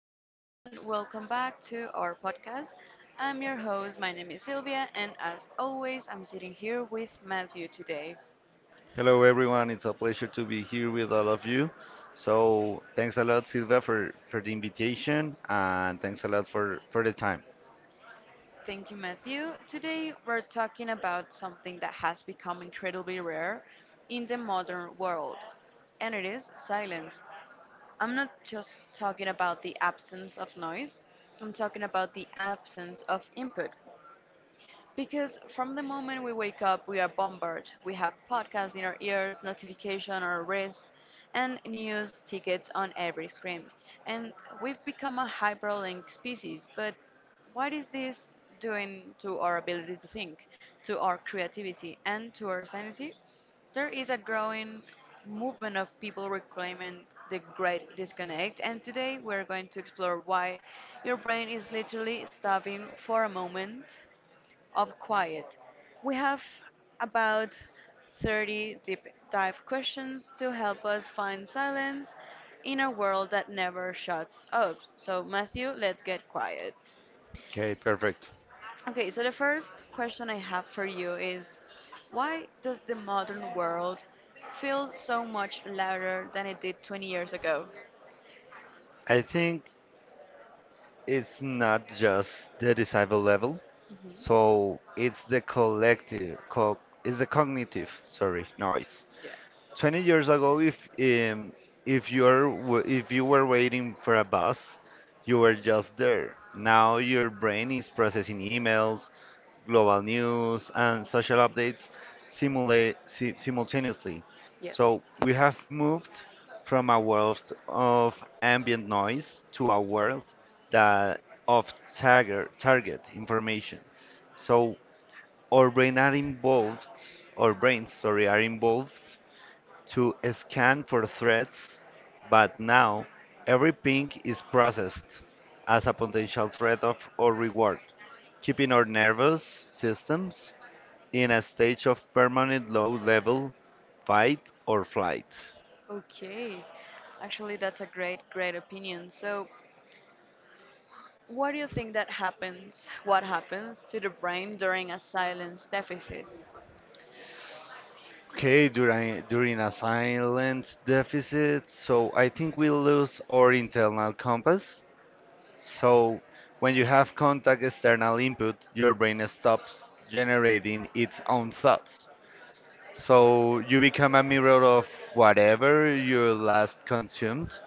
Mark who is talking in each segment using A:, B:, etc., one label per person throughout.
A: Hello and welcome back to our podcast. I'm your host, my name is Sylvia, and as always, I'm sitting here with Matthew today.
B: Hello, everyone. It's a pleasure to be here with all of you. So, thanks a lot, Silva, for the invitation, and thanks a lot for the time.
A: Thank you, Matthew. Today, we're talking about something that has become incredibly rare in the modern world, and it is silence. I'm not just talking about the absence of noise, I'm talking about the absence of input. Because from the moment we wake up, we are bombarded. We have podcasts in our ears, notification on our wrist, and news tickets on every screen. And we've become a hyperlink species. But what is this doing to our ability to think, to our creativity, and to our sanity? There is a growing movement of people reclaiming the great disconnect, and today we're going to explore why your brain is literally starving for a moment of quiet. We have about 30 deep dive questions to help us find silence in a world that never shuts up. So, Matthew, let's get quiet.
B: Okay, perfect.
A: Okay, so the first question I have for you is, why does the modern world feel so much louder than it did 20 years ago?
B: I think it's not just the disciple level,
A: Hmm.
B: so it's the cognitive, sorry, noise.
A: Yeah.
B: 20 years ago, if you were waiting for a bus, you were just there. Now your brain is processing emails, global news, and social updates simulate, si simultaneously. So we have moved from a world of ambient noise to a world that of target information. So our brain are involved, our brains, sorry, are involved to scan for threats, but now every ping is processed as a potential threat of or reward, keeping our nervous systems in a stage of permanent low level fight or flight.
A: move. Okay. Actually, that's a great, great opinion. So, what do you think that happens? What happens to the brain during a silence deficit?
B: Okay, during a silent deficit, so I think we lose our internal compass. So when you have contact external input, your brain stops generating its own thoughts. So you become a mirror of whatever you last consumed.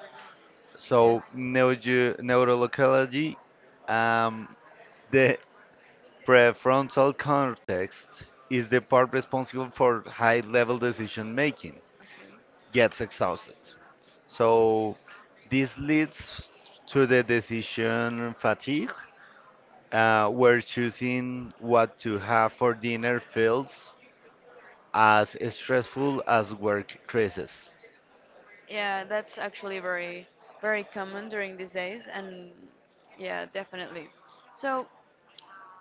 A: Yes.
B: So neurology, um, the Prefrontal cortex is the part responsible for high level decision making,
A: Okay.
B: gets exhausted. So, this leads to the decision fatigue, where choosing what to have for dinner feels as stressful as work stresses.
A: Yeah, that's actually very, very common during these days, and yeah, definitely. So,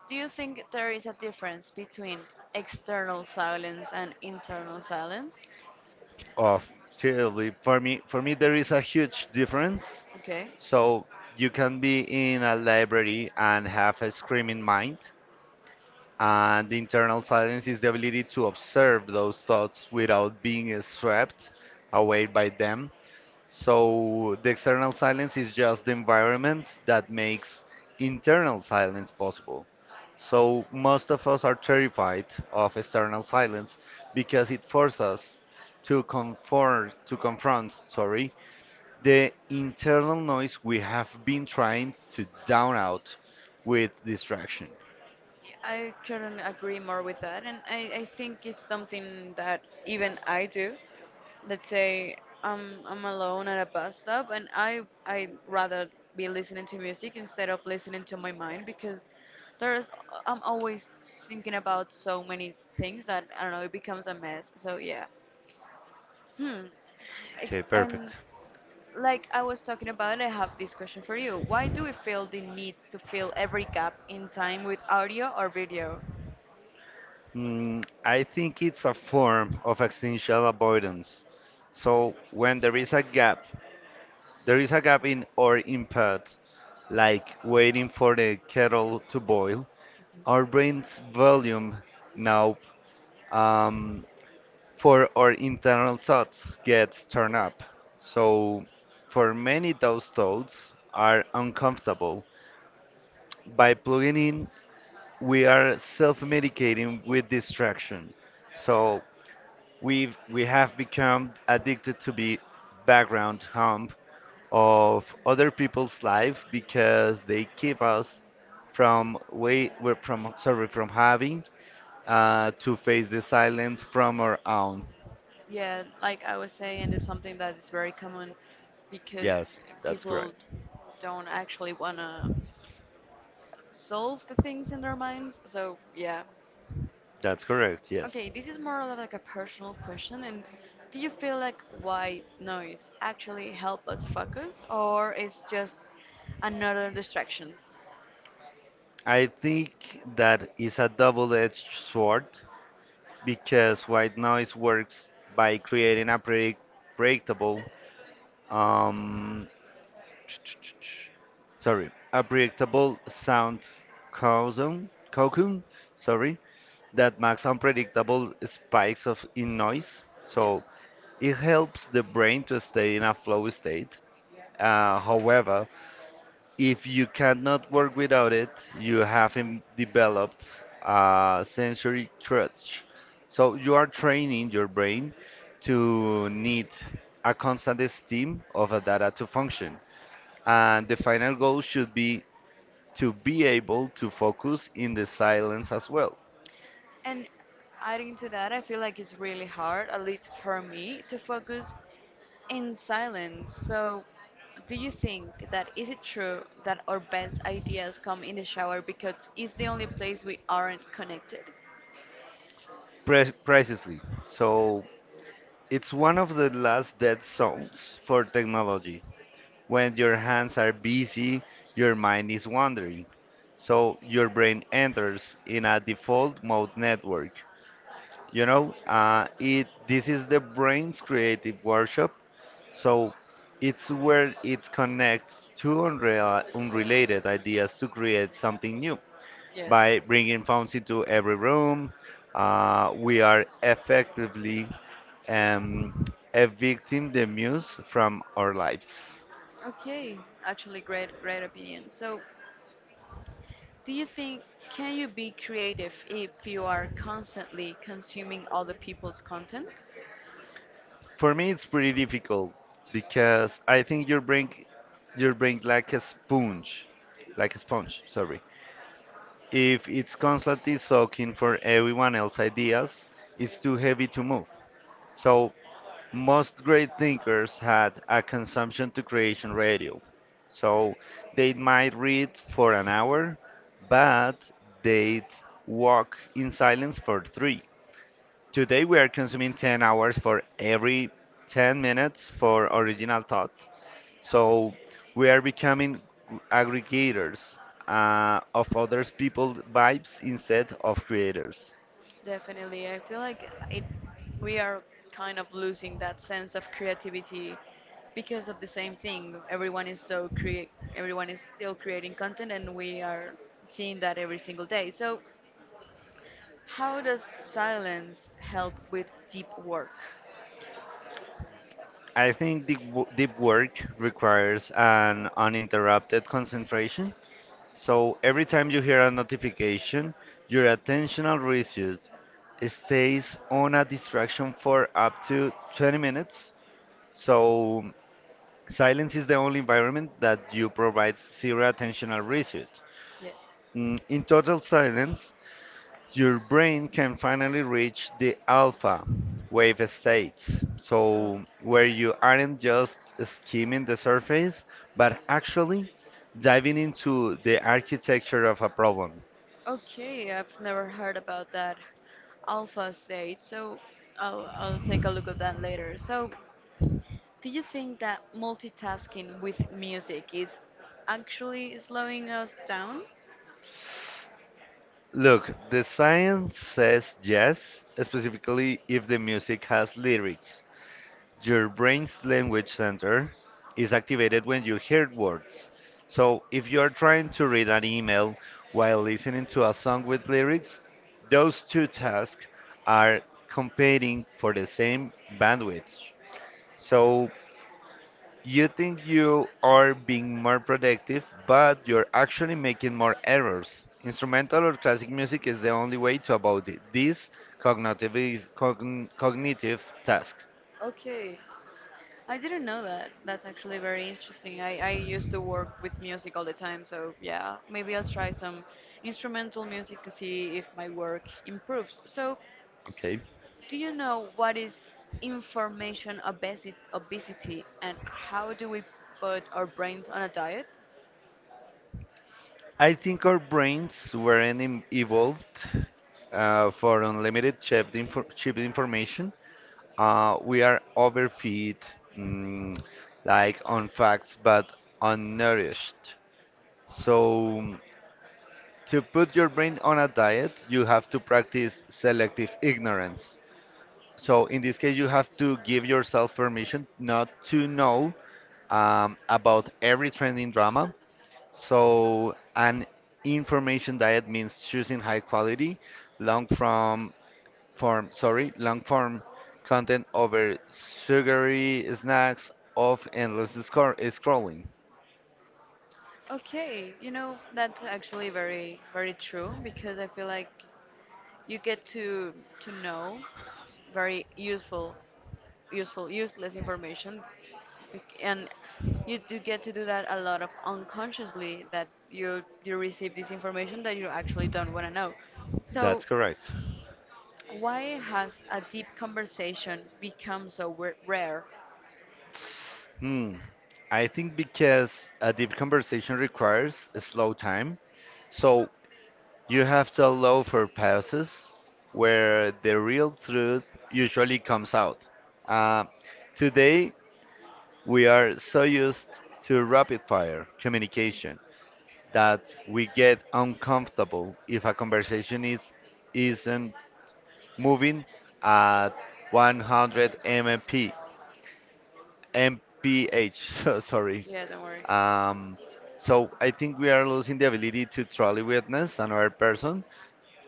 A: do you think there is a difference between external silence and internal silence?
B: Of seriously, for me, there is a huge difference.
A: Okay.
B: So, you can be in a library and have a screaming mind. And the internal silence is the ability to observe those thoughts without being swept away by them. So the external silence is just the environment that makes internal silence possible. So most of us are terrified of external silence because it forces us to confront, sorry, the internal noise we have been trying to down out with distraction.
A: Yeah, I couldn't agree more with that, and I think it's something that even I do. Let's say I'm alone at a bus stop, and I'd rather be listening to music instead of listening to my mind because there's I'm always thinking about so many things that I don't know it becomes a mess. So yeah, hmm. I-
B: Okay,
A: And
B: perfect.
A: like I was talking about, I have this question for you. Why do we feel the need to fill every gap in time with audio or video?
B: I think it's a form of existential avoidance. So when there is a gap, there is a gap in our input, like waiting for the kettle to boil. Our brain's volume now, um, for our internal thoughts, gets turned up. So for many, those thoughts are uncomfortable. By plugging in, we are self medicating with distraction. So we have become addicted to be background hum of other people's life because they keep us from way we're from sorry, from having to face the silence from our own.
A: Yeah, like I was saying, it's something that is very common because
B: Yes, that's
A: people
B: correct.
A: don't actually want to solve the things in their minds. So, yeah.
B: That's correct. Yes,
A: Okay, this is more of like a personal question. And do you feel like white noise actually help us focus, or is just another distraction?
B: I think that is a double-edged sword because white noise works by creating a predict predictable, um, sorry, a predictable sound cocoon, sorry, that makes unpredictable spikes of in noise.
A: Yes.
B: So it helps the brain to stay in a flow state. However, if you cannot work without it, you have developed a sensory crutch. So you are training your brain to need a constant stream of a data to function. And the final goal should be to be able to focus in the silence as well.
A: And adding to that, I feel like it's really hard, at least for me, to focus in silence, so do you think that is it true that our best ideas come in the shower because it's the only place we aren't connected?
B: Precisely. So it's one of the last dead zones for technology. When your hands are busy, your mind is wandering. So your brain enters in a default mode network. You know, it this is the brain's creative workshop. So it's where it connects unrelated ideas to create something new.
A: Yes.
B: By bringing phones into every room, we are effectively, um, evicting the muse from our lives.
A: Okay, actually, great, great opinion. So, do you think can you be creative if you are constantly consuming other people's content?
B: For me, it's pretty difficult because I think your brain like a sponge, like a sponge. Sorry. If it's constantly soaking for everyone else's ideas, it's too heavy to move. So most great thinkers had a consumption to creation ratio. So they might read for an hour, but they'd walk in silence for three. Today we are consuming 10 hours for every 10 minutes for original thought. So we are becoming aggregators of others people's vibes instead of creators.
A: Definitely. I feel like it we are kind of losing that sense of creativity because of the same thing. Everyone is so create, everyone is still creating content and we are seeing that every single day. So how does silence help with deep work?
B: I think deep work requires an uninterrupted concentration. So every time you hear a notification, your attentional residue stays on a distraction for up to 20 minutes. So silence is the only environment that you provide zero attentional residue.
A: Yeah.
B: In total silence, your brain can finally reach the alpha wave states.
A: Oh.
B: So, where you aren't just skimming the surface, but actually diving into the architecture of a problem.
A: Okay, I've never heard about that alpha state, so I'll take a look at that later. So, do you think that multitasking with music is actually slowing us down?
B: Look, the science says yes, specifically if the music has lyrics. Your brain's language center is activated when you hear words. So if you're trying to read an email while listening to a song with lyrics, those two tasks are competing for the same bandwidth. So you think you are being more productive, but you're actually making more errors. Instrumental or classic music is the only way to avoid this cognitive, cognitive task.
A: Okay, I didn't know that. That's actually very interesting. I used to work with music all the time, so yeah, maybe I'll try some instrumental music to see if my work improves. So,
B: Okay.
A: do you know what is obesity and how do we put our brains on a diet?
B: I think our brains weren't evolved for unlimited cheap information. We are overfed, mm, like on facts, but unnourished. So, to put your brain on a diet, you have to practice selective ignorance. So, in this case, you have to give yourself permission not to know, about every trending drama. So, an information diet means choosing high quality, long form, sorry, long form content over sugary snacks of endless scrolling.
A: Okay, you know, that's actually very, very true because I feel like you get to know s- very useful, useless information and you do get to do that a lot of unconsciously that you receive this information that you actually don't want to know. So
B: That's correct.
A: why has a deep conversation become so rare?
B: Hmm. I think because a deep conversation requires a slow time, so you have to allow for pauses where the real truth usually comes out. Uh, Today we are so used to rapid fire communication that we get uncomfortable if isn't moving at 100 mph. Mph so sorry.
A: Yeah, don't worry.
B: Um, so I think we are losing the ability to truly witness another person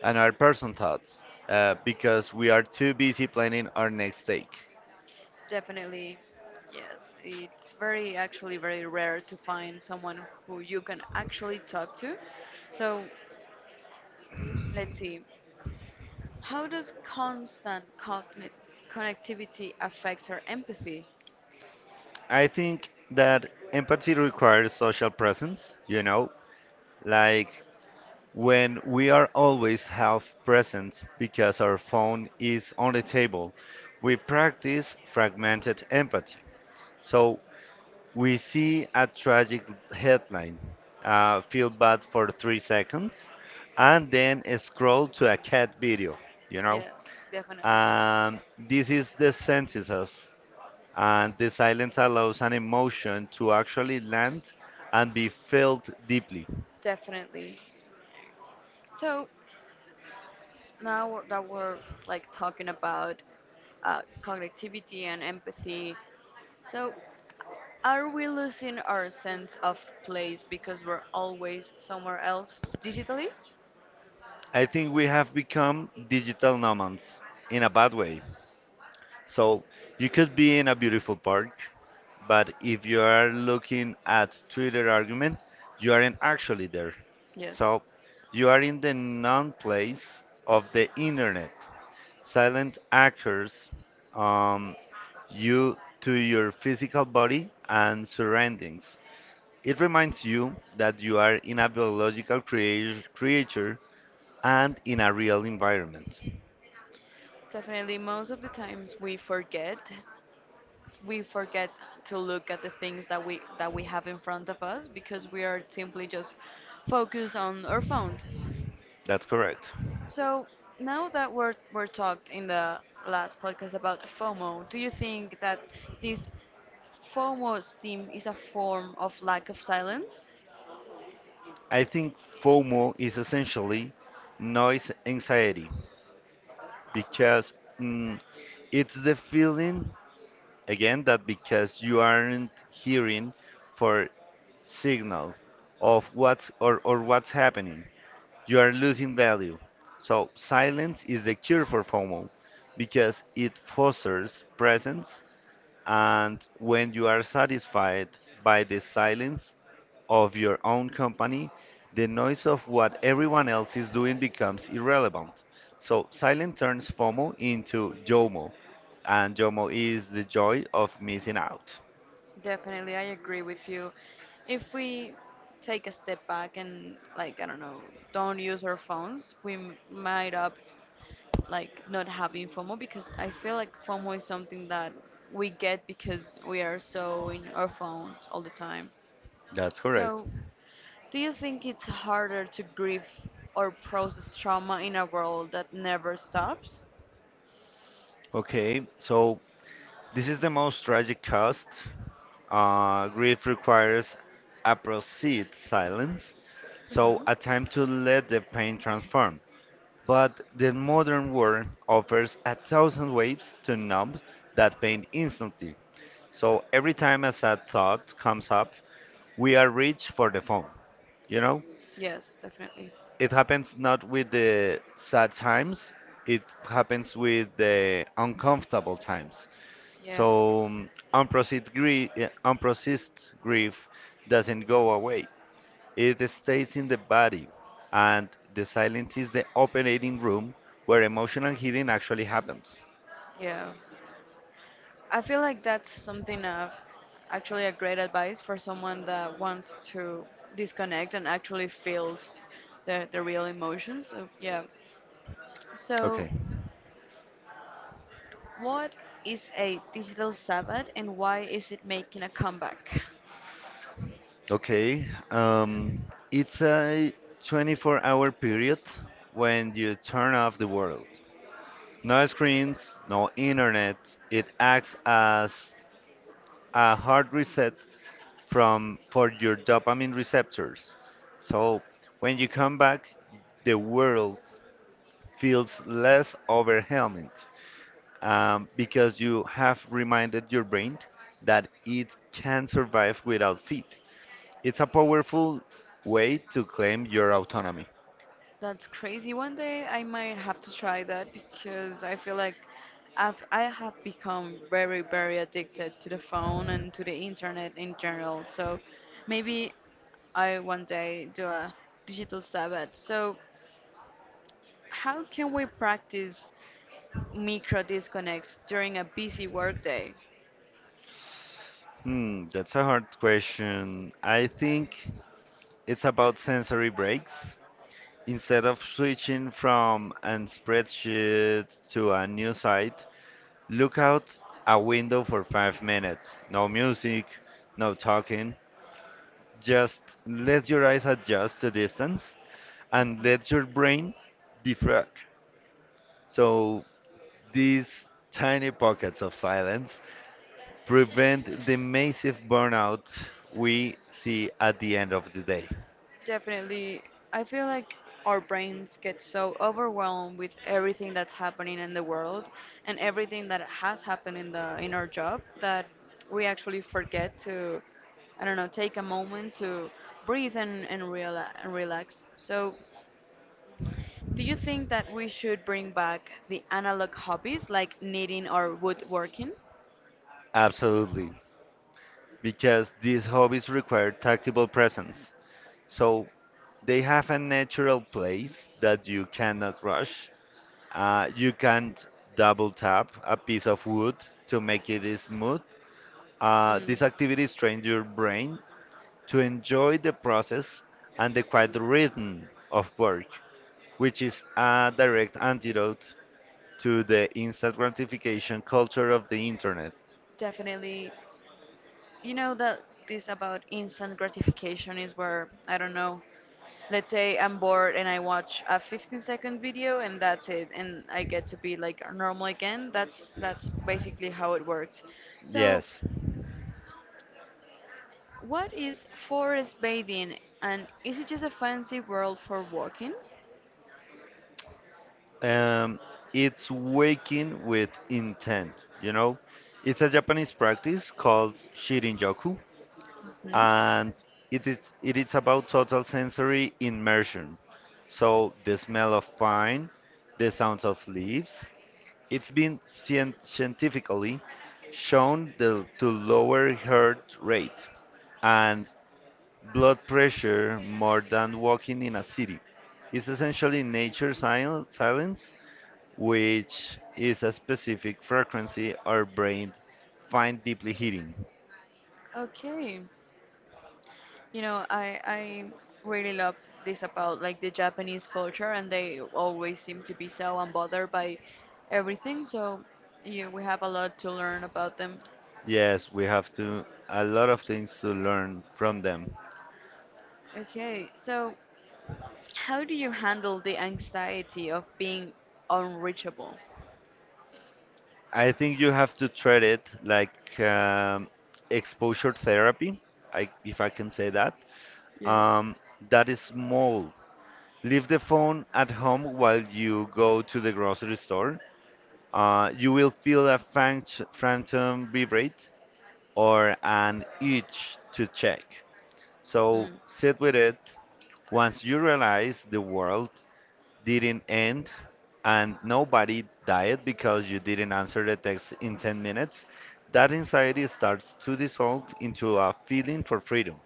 B: and our person thoughts, because we are too busy planning our next take.
A: Definitely, yes. It's very, actually, very rare to find someone who you can actually talk to. So, let's see. How does constant connectivity affect our empathy?
B: I think that empathy requires social presence, you know, like when we are always half present because our phone is on the table, we practice fragmented empathy. So we see a tragic headline, feel bad for 3 seconds, and then scroll to a cat video, you know?
A: Yeah, definitely.
B: And this is the senses, and the silence allows an emotion to actually land and be felt deeply.
A: Definitely. So now that we're like talking about cognitivity and empathy, so are we losing our sense of place because we're always somewhere else digitally?
B: I think we have become digital nomads in a bad way. So you could be in a beautiful park, but if you are looking at Twitter argument, you aren't actually there.
A: Yes,
B: So you are in the non place of the internet. Silent actors, um, you to your physical body and surroundings. It reminds you that you are in a biological creature and in a real environment.
A: definitely. Most of the times we forget to look at the things that we have in front of us because we are simply just focused on our phones.
B: That's correct.
A: So now that we're talked in the last podcast about FOMO, do you think that this FOMO steam is a form of lack of silence?
B: I think FOMO is essentially noise anxiety because, mm, it's the feeling, again, that because you aren't hearing for signal of or what's happening, you are losing value. So silence is the cure for FOMO because it fosters presence, and when you are satisfied by the silence, of your own company, the noise of what everyone else is doing becomes irrelevant. So silence turns FOMO into JOMO, and JOMO is the joy of missing out.
A: Definitely, I agree with you. If we take a step back and like I don't know, don't use our phones, we m- might up like not having FOMO because I feel like FOMO is something that we get because we are so in our phones all the time.
B: That's correct.
A: So do you think it's harder to grieve or process trauma in a world that never stops?
B: Okay, so this is the most tragic cost. Grief requires a proceed silence, so a time to let the pain transform. But the modern world offers 1,000 ways to numb that pain instantly. So every time a sad thought comes up, we are reach for the phone. You know,
A: Yes, definitely.
B: it happens not with the sad times, it happens with the uncomfortable times.
A: Yeah.
B: So, unprocessed grief doesn't go away. It stays in the body, and the silence is the operating room where emotional healing actually happens.
A: Yeah. I feel like that's something of actually a great advice for someone that wants to disconnect and actually feels the real emotions. So, yeah. So,
B: Okay.
A: what is a digital Sabbath and why is it making a comeback?
B: Okay. Um, it's a 24-hour period when you turn off the world. No screens, no internet. It acts as a hard reset from for your dopamine receptors. So when you come back, the world feels less overwhelming, because you have reminded your brain that it can survive without food. It's a powerful way to claim your autonomy.
A: That's crazy. One day I might have to try that because I feel like I have become very, very addicted to the phone and to the internet in general. So maybe I one day do a digital Sabbath. So, how can we practice micro disconnects during a busy workday?
B: Hmm, that's a hard question. I think it's about sensory breaks. Instead of switching from a spreadsheet to a new site, look out a window for 5 minutes. No music, no talking. Just let your eyes adjust to distance and let your brain defrag. So these tiny pockets of silence prevent the massive burnout we see at the end of the day.
A: Definitely. I feel like our brains get so overwhelmed with everything that's happening in the world and everything that has happened in the in our job that we actually forget to, I don't know, take a moment to breathe and relax. So, do you think that we should bring back the analog hobbies like knitting or woodworking?
B: Absolutely, because these hobbies require tactile presence. So they have a natural place that you cannot rush. You can't double tap a piece of wood to make it smooth.
A: Mm.
B: These activities train your brain to enjoy the process and the quiet rhythm of work, which is a direct antidote to the instant gratification culture of the internet.
A: Definitely. You know that this about instant gratification is where, I don't know, let's say I'm bored and I watch a 15-second video and that's it and I get to be like normal again. That's basically how it works. So,
B: Yes,
A: what is forest bathing and is it just a fancy word for walking?
B: um, it's waking with intent, you know? It's a Japanese practice called shirinjaku,
A: Hmm?
B: and it is about total sensory immersion. So, the smell of pine, the sounds of leaves, it's been scientifically shown to lower heart rate, and Blood pressure, more than walking in a city. It's essentially nature silence, which is a specific frequency our brain find deeply hitting.
A: Okay. You know, I really love this about like the Japanese culture, and they always seem to be so unbothered by everything. So, yeah, we have a lot to learn about them.
B: Yes, we have to a lot of things to learn from them.
A: Okay, so how do you handle the anxiety of being unreachable?
B: I think you have to treat it like exposure therapy, if I can say that.
A: Yes.
B: Um, that is small. Leave the phone at home while you go to the grocery store. You will feel a phantom vibrate or an itch to check. So sit with it. Once you realize the world didn't end and nobody died because you didn't answer the text in 10 minutes, that anxiety starts to dissolve into a feeling for freedom.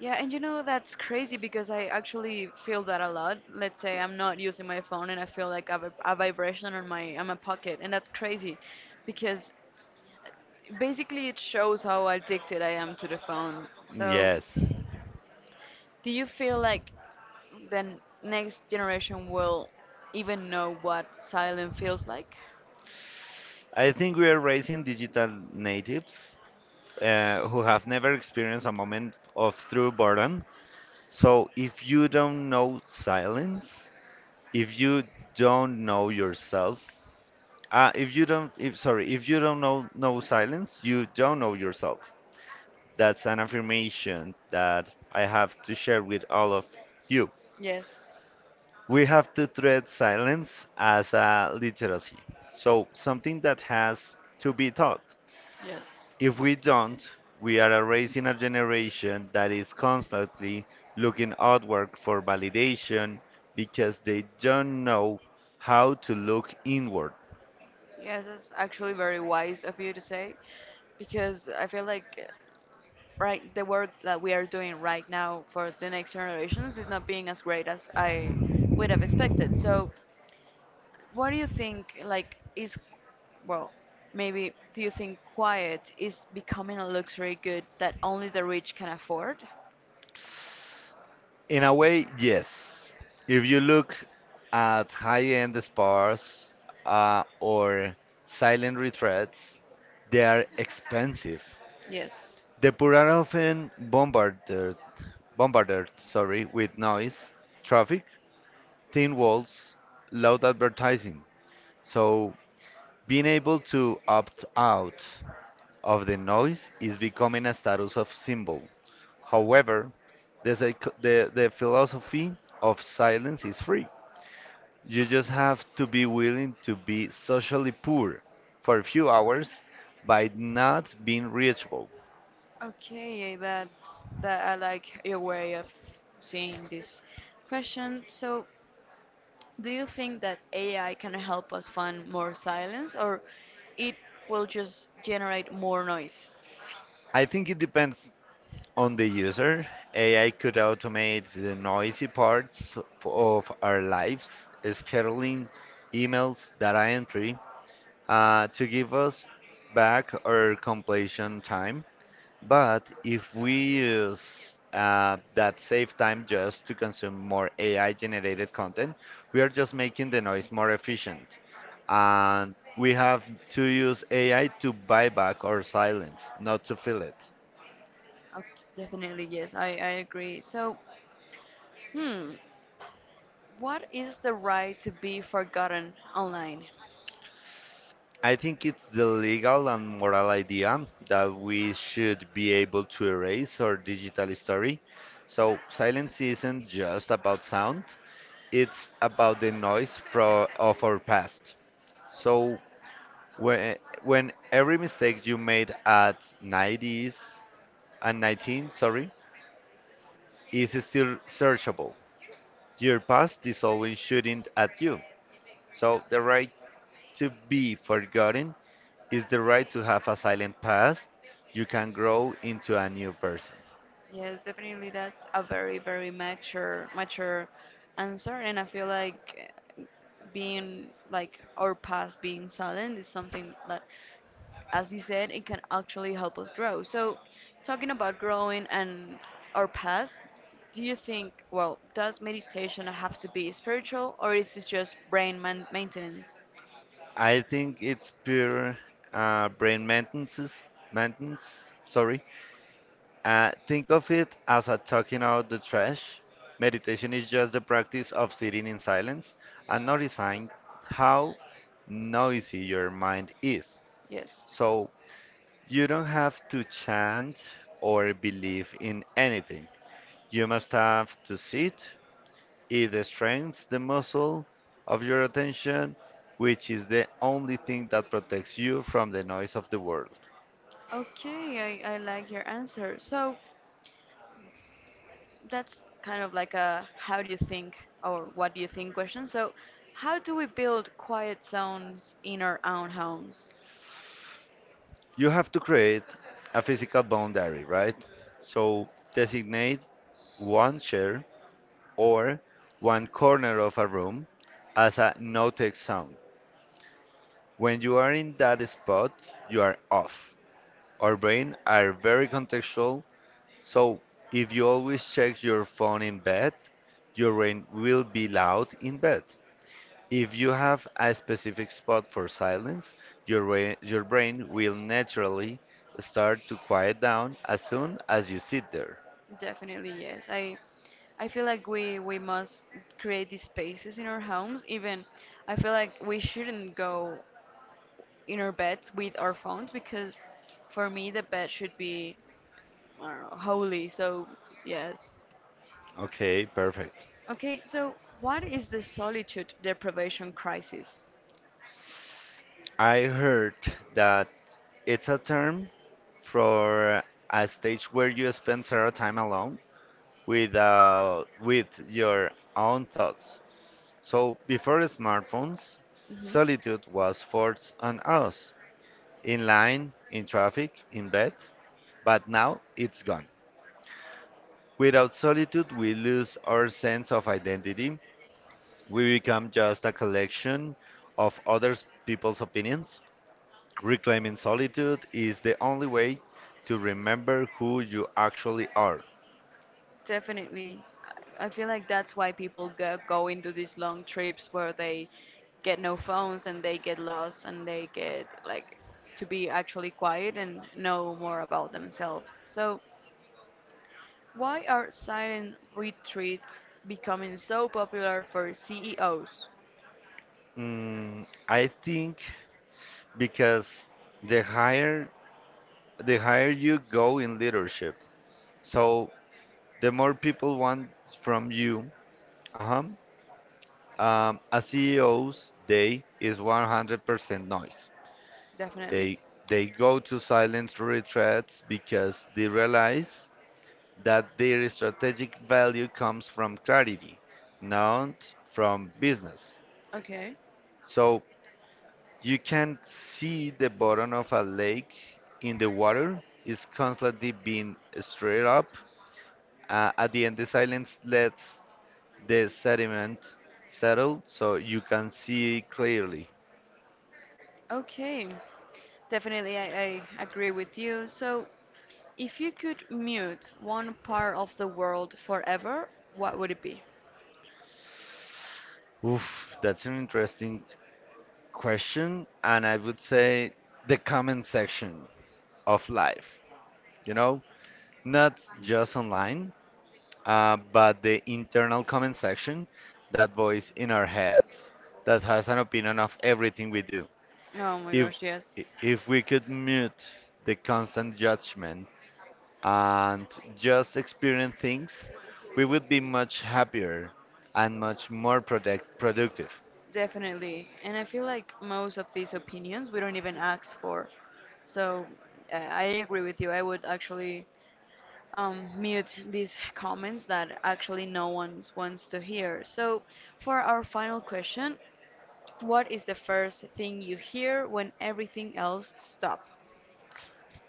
A: Yeah, and you know, that's crazy because I actually feel that a lot. Let's say I'm not using my phone and I feel like I've a vibration on my pocket, and that's crazy because basically it shows how addicted I am to the phone. So
B: Yes.
A: do you feel like the next generation will even know what silence feels like?
B: I think we are raising digital natives who have never experienced a moment of true boredom. So if you don't know silence, if you don't know yourself, if you don't know silence, you don't know yourself. That's an affirmation that I have to share with all of you.
A: Yes,
B: We have to treat silence as a literacy, so something that has to be taught.
A: yes.
B: If we don't, we are raising a generation that is constantly looking outward for validation because they don't know how to look inward.
A: Yes, it's actually very wise of you to say, because I feel like right the work that we are doing right now for the next generations is not being as great as I would have expected. So, what do you think? Like, is well, maybe do you think quiet is becoming a luxury good that only the rich can afford?
B: In a way, yes. If you look at high end spas or silent retreats, they are expensive.
A: Yes.
B: The poor are often bombarded sorry, with noise, traffic, thin walls, loud advertising. So being able to opt out of the noise is becoming a status of symbol. However, the philosophy of silence is free. You just have to be willing to be socially poor for a few hours by not being reachable.
A: Okay, that's that I like your way of seeing this question. So, do you think that AI can help us find more silence, or it will just generate more noise?
B: I think it depends on the user. AI could automate the noisy parts of our lives, scheduling, emails, data entry, to give us back our completion time. But if we use that save time just to consume more AI generated content, we are just making the noise more efficient. And we have to use AI to buy back our silence, not to fill it.
A: Okay, definitely, yes, I agree. So, hmm, what is the right to be forgotten online?
B: I think it's the legal and moral idea that we should be able to erase our digital history. So silence isn't just about sound, it's about the noise fro of our past. So when every mistake you made at 90s and 19, sorry, is still searchable. Your past is always shooting at you. So the right to be forgotten is the right to have a silent past. You can grow into a new person.
A: Yes, definitely that's a very, very mature answer and I feel like uh, being like our past being silent is something that as you said it can actually help us grow. So talking about growing and our past, do you think well, does meditation have to be spiritual or is it just brain man maintenance?
B: I think it's pure brain maintenance, sorry, think of it as a talking out the trash. Meditation is just the practice of sitting in silence and noticing how noisy your mind is.
A: Yes.
B: So you don't have to chant or believe in anything. You must have to sit. It strengthens the muscle of your attention, which is the only thing that protects you from the noise of the world.
A: Okay, I like your answer. So, that's kind of like a how do you think or what do you think question. So, how do we build quiet zones in our own homes?
B: You have to create a physical boundary, right? So designate one chair or one corner of a room as a no-take zone. When you are in that spot, you are off. Our brain are very contextual, so if you always check your phone in bed, your brain will be loud in bed. If you have a specific spot for silence, your brain will naturally start to quiet down as soon as you sit there.
A: Definitely, yes. I feel like we must create these spaces in our homes. Even I feel like we shouldn't go in our beds with our phones because for me the bed should be I don't know, holy. So, yes.
B: Okay, perfect.
A: Okay, so what is the solitude deprivation crisis?
B: I heard that it's a term for a stage where you spend several time alone with your own thoughts. So before smartphones,
A: Hmm.
B: solitude was forced on us, in line, in traffic, in bed, but now it's gone. Without solitude, we lose our sense of identity. We become just a collection of other people's opinions. Reclaiming solitude is the only way to remember who you actually are.
A: Definitely. I feel like that's why people go into these long trips where they get no phones and they get lost and they get like to be actually quiet and know more about themselves. So, why are silent retreats becoming so popular for CEOs?
B: Mm, I think because the higher the higher you go in leadership, so the more people want from you. Uh-huh. A CEO's day is 100% noise.
A: Definitely.
B: They they go to silent retreats because they realize that their strategic value comes from clarity, not from business.
A: Okay.
B: So you can see the bottom of a lake in the water is constantly being stirred up. At the end, the silence lets the sediment settle so you can see clearly.
A: Okay. Definitely, I agree with you. So, if you could mute one part of the world forever, what would it be?
B: Oof, that's an interesting question, and I would say the comment section of life. You know, not just online, but the internal comment section, that voice in our heads that has an opinion of everything we do.
A: Oh my
B: If
A: gosh, yes,
B: if we could mute the constant judgment and just experience things, we would be much happier and much more productive.
A: definitely. And I feel like most of these opinions we don't even ask for. So I agree with you. I would actually mute these comments that actually no one wants to hear. So for our final question, what is the first thing you hear when everything else stops?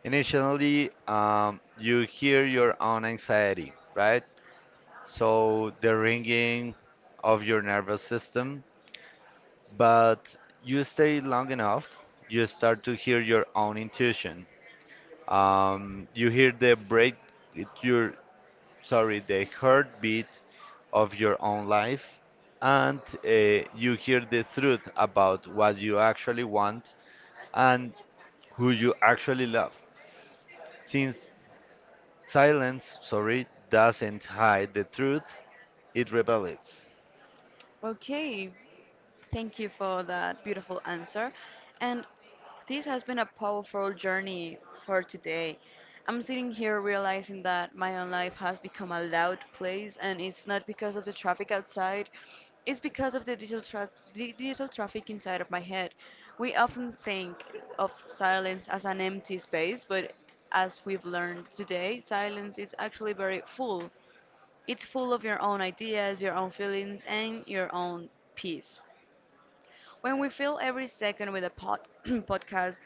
B: Initially, you hear your own anxiety, right? So the ringing of your nervous system, but you stay long enough, you start to hear your own intuition. You hear the break, it- your sorry, the heartbeat of your own life, and you hear the truth about what you actually want and who you actually love. Since Silence, sorry, doesn't hide the truth, it reveals.
A: Okay, thank you for that beautiful answer. And this has been a powerful journey for today. I'm sitting here realizing that my own life has become a loud place, and it's not because of the traffic outside, it's because of the digital traffic inside of my head. We often think of silence as an empty space, but as we've learned today, silence is actually very full. It's full of your own ideas, your own feelings, and your own peace. When we fill every second with a podcast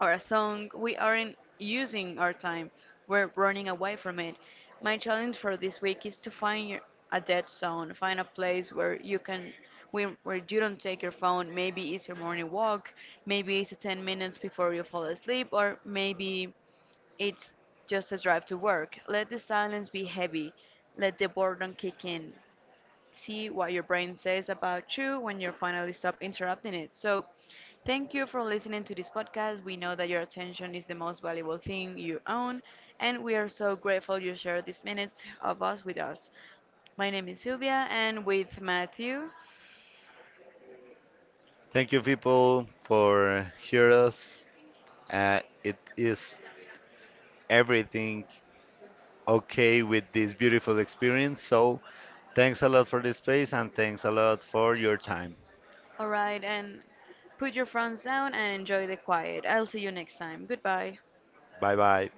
A: or a song, we aren't using our time. We're running away from it. My challenge for this week is to find a dead zone, find a place where you where you don't take your phone. Maybe it's your morning walk, maybe it's 10 minutes before you fall asleep, or maybe it's just a drive to work. Let the silence be heavy. Let the boredom kick in, see what your brain says about you when you finally stop interrupting it. So, thank you for listening to this podcast. We know that your attention is the most valuable thing you own, and we are so grateful you shared these minutes of us with us. My name is Sylvia, and with Matthew.
B: Thank you, people, for hear us. It is everything okay with this beautiful experience. So, thanks a lot for this space and thanks a lot for your time.
A: All right, and put your phones down and enjoy the quiet. I'll see you next time. Goodbye.
B: Bye bye.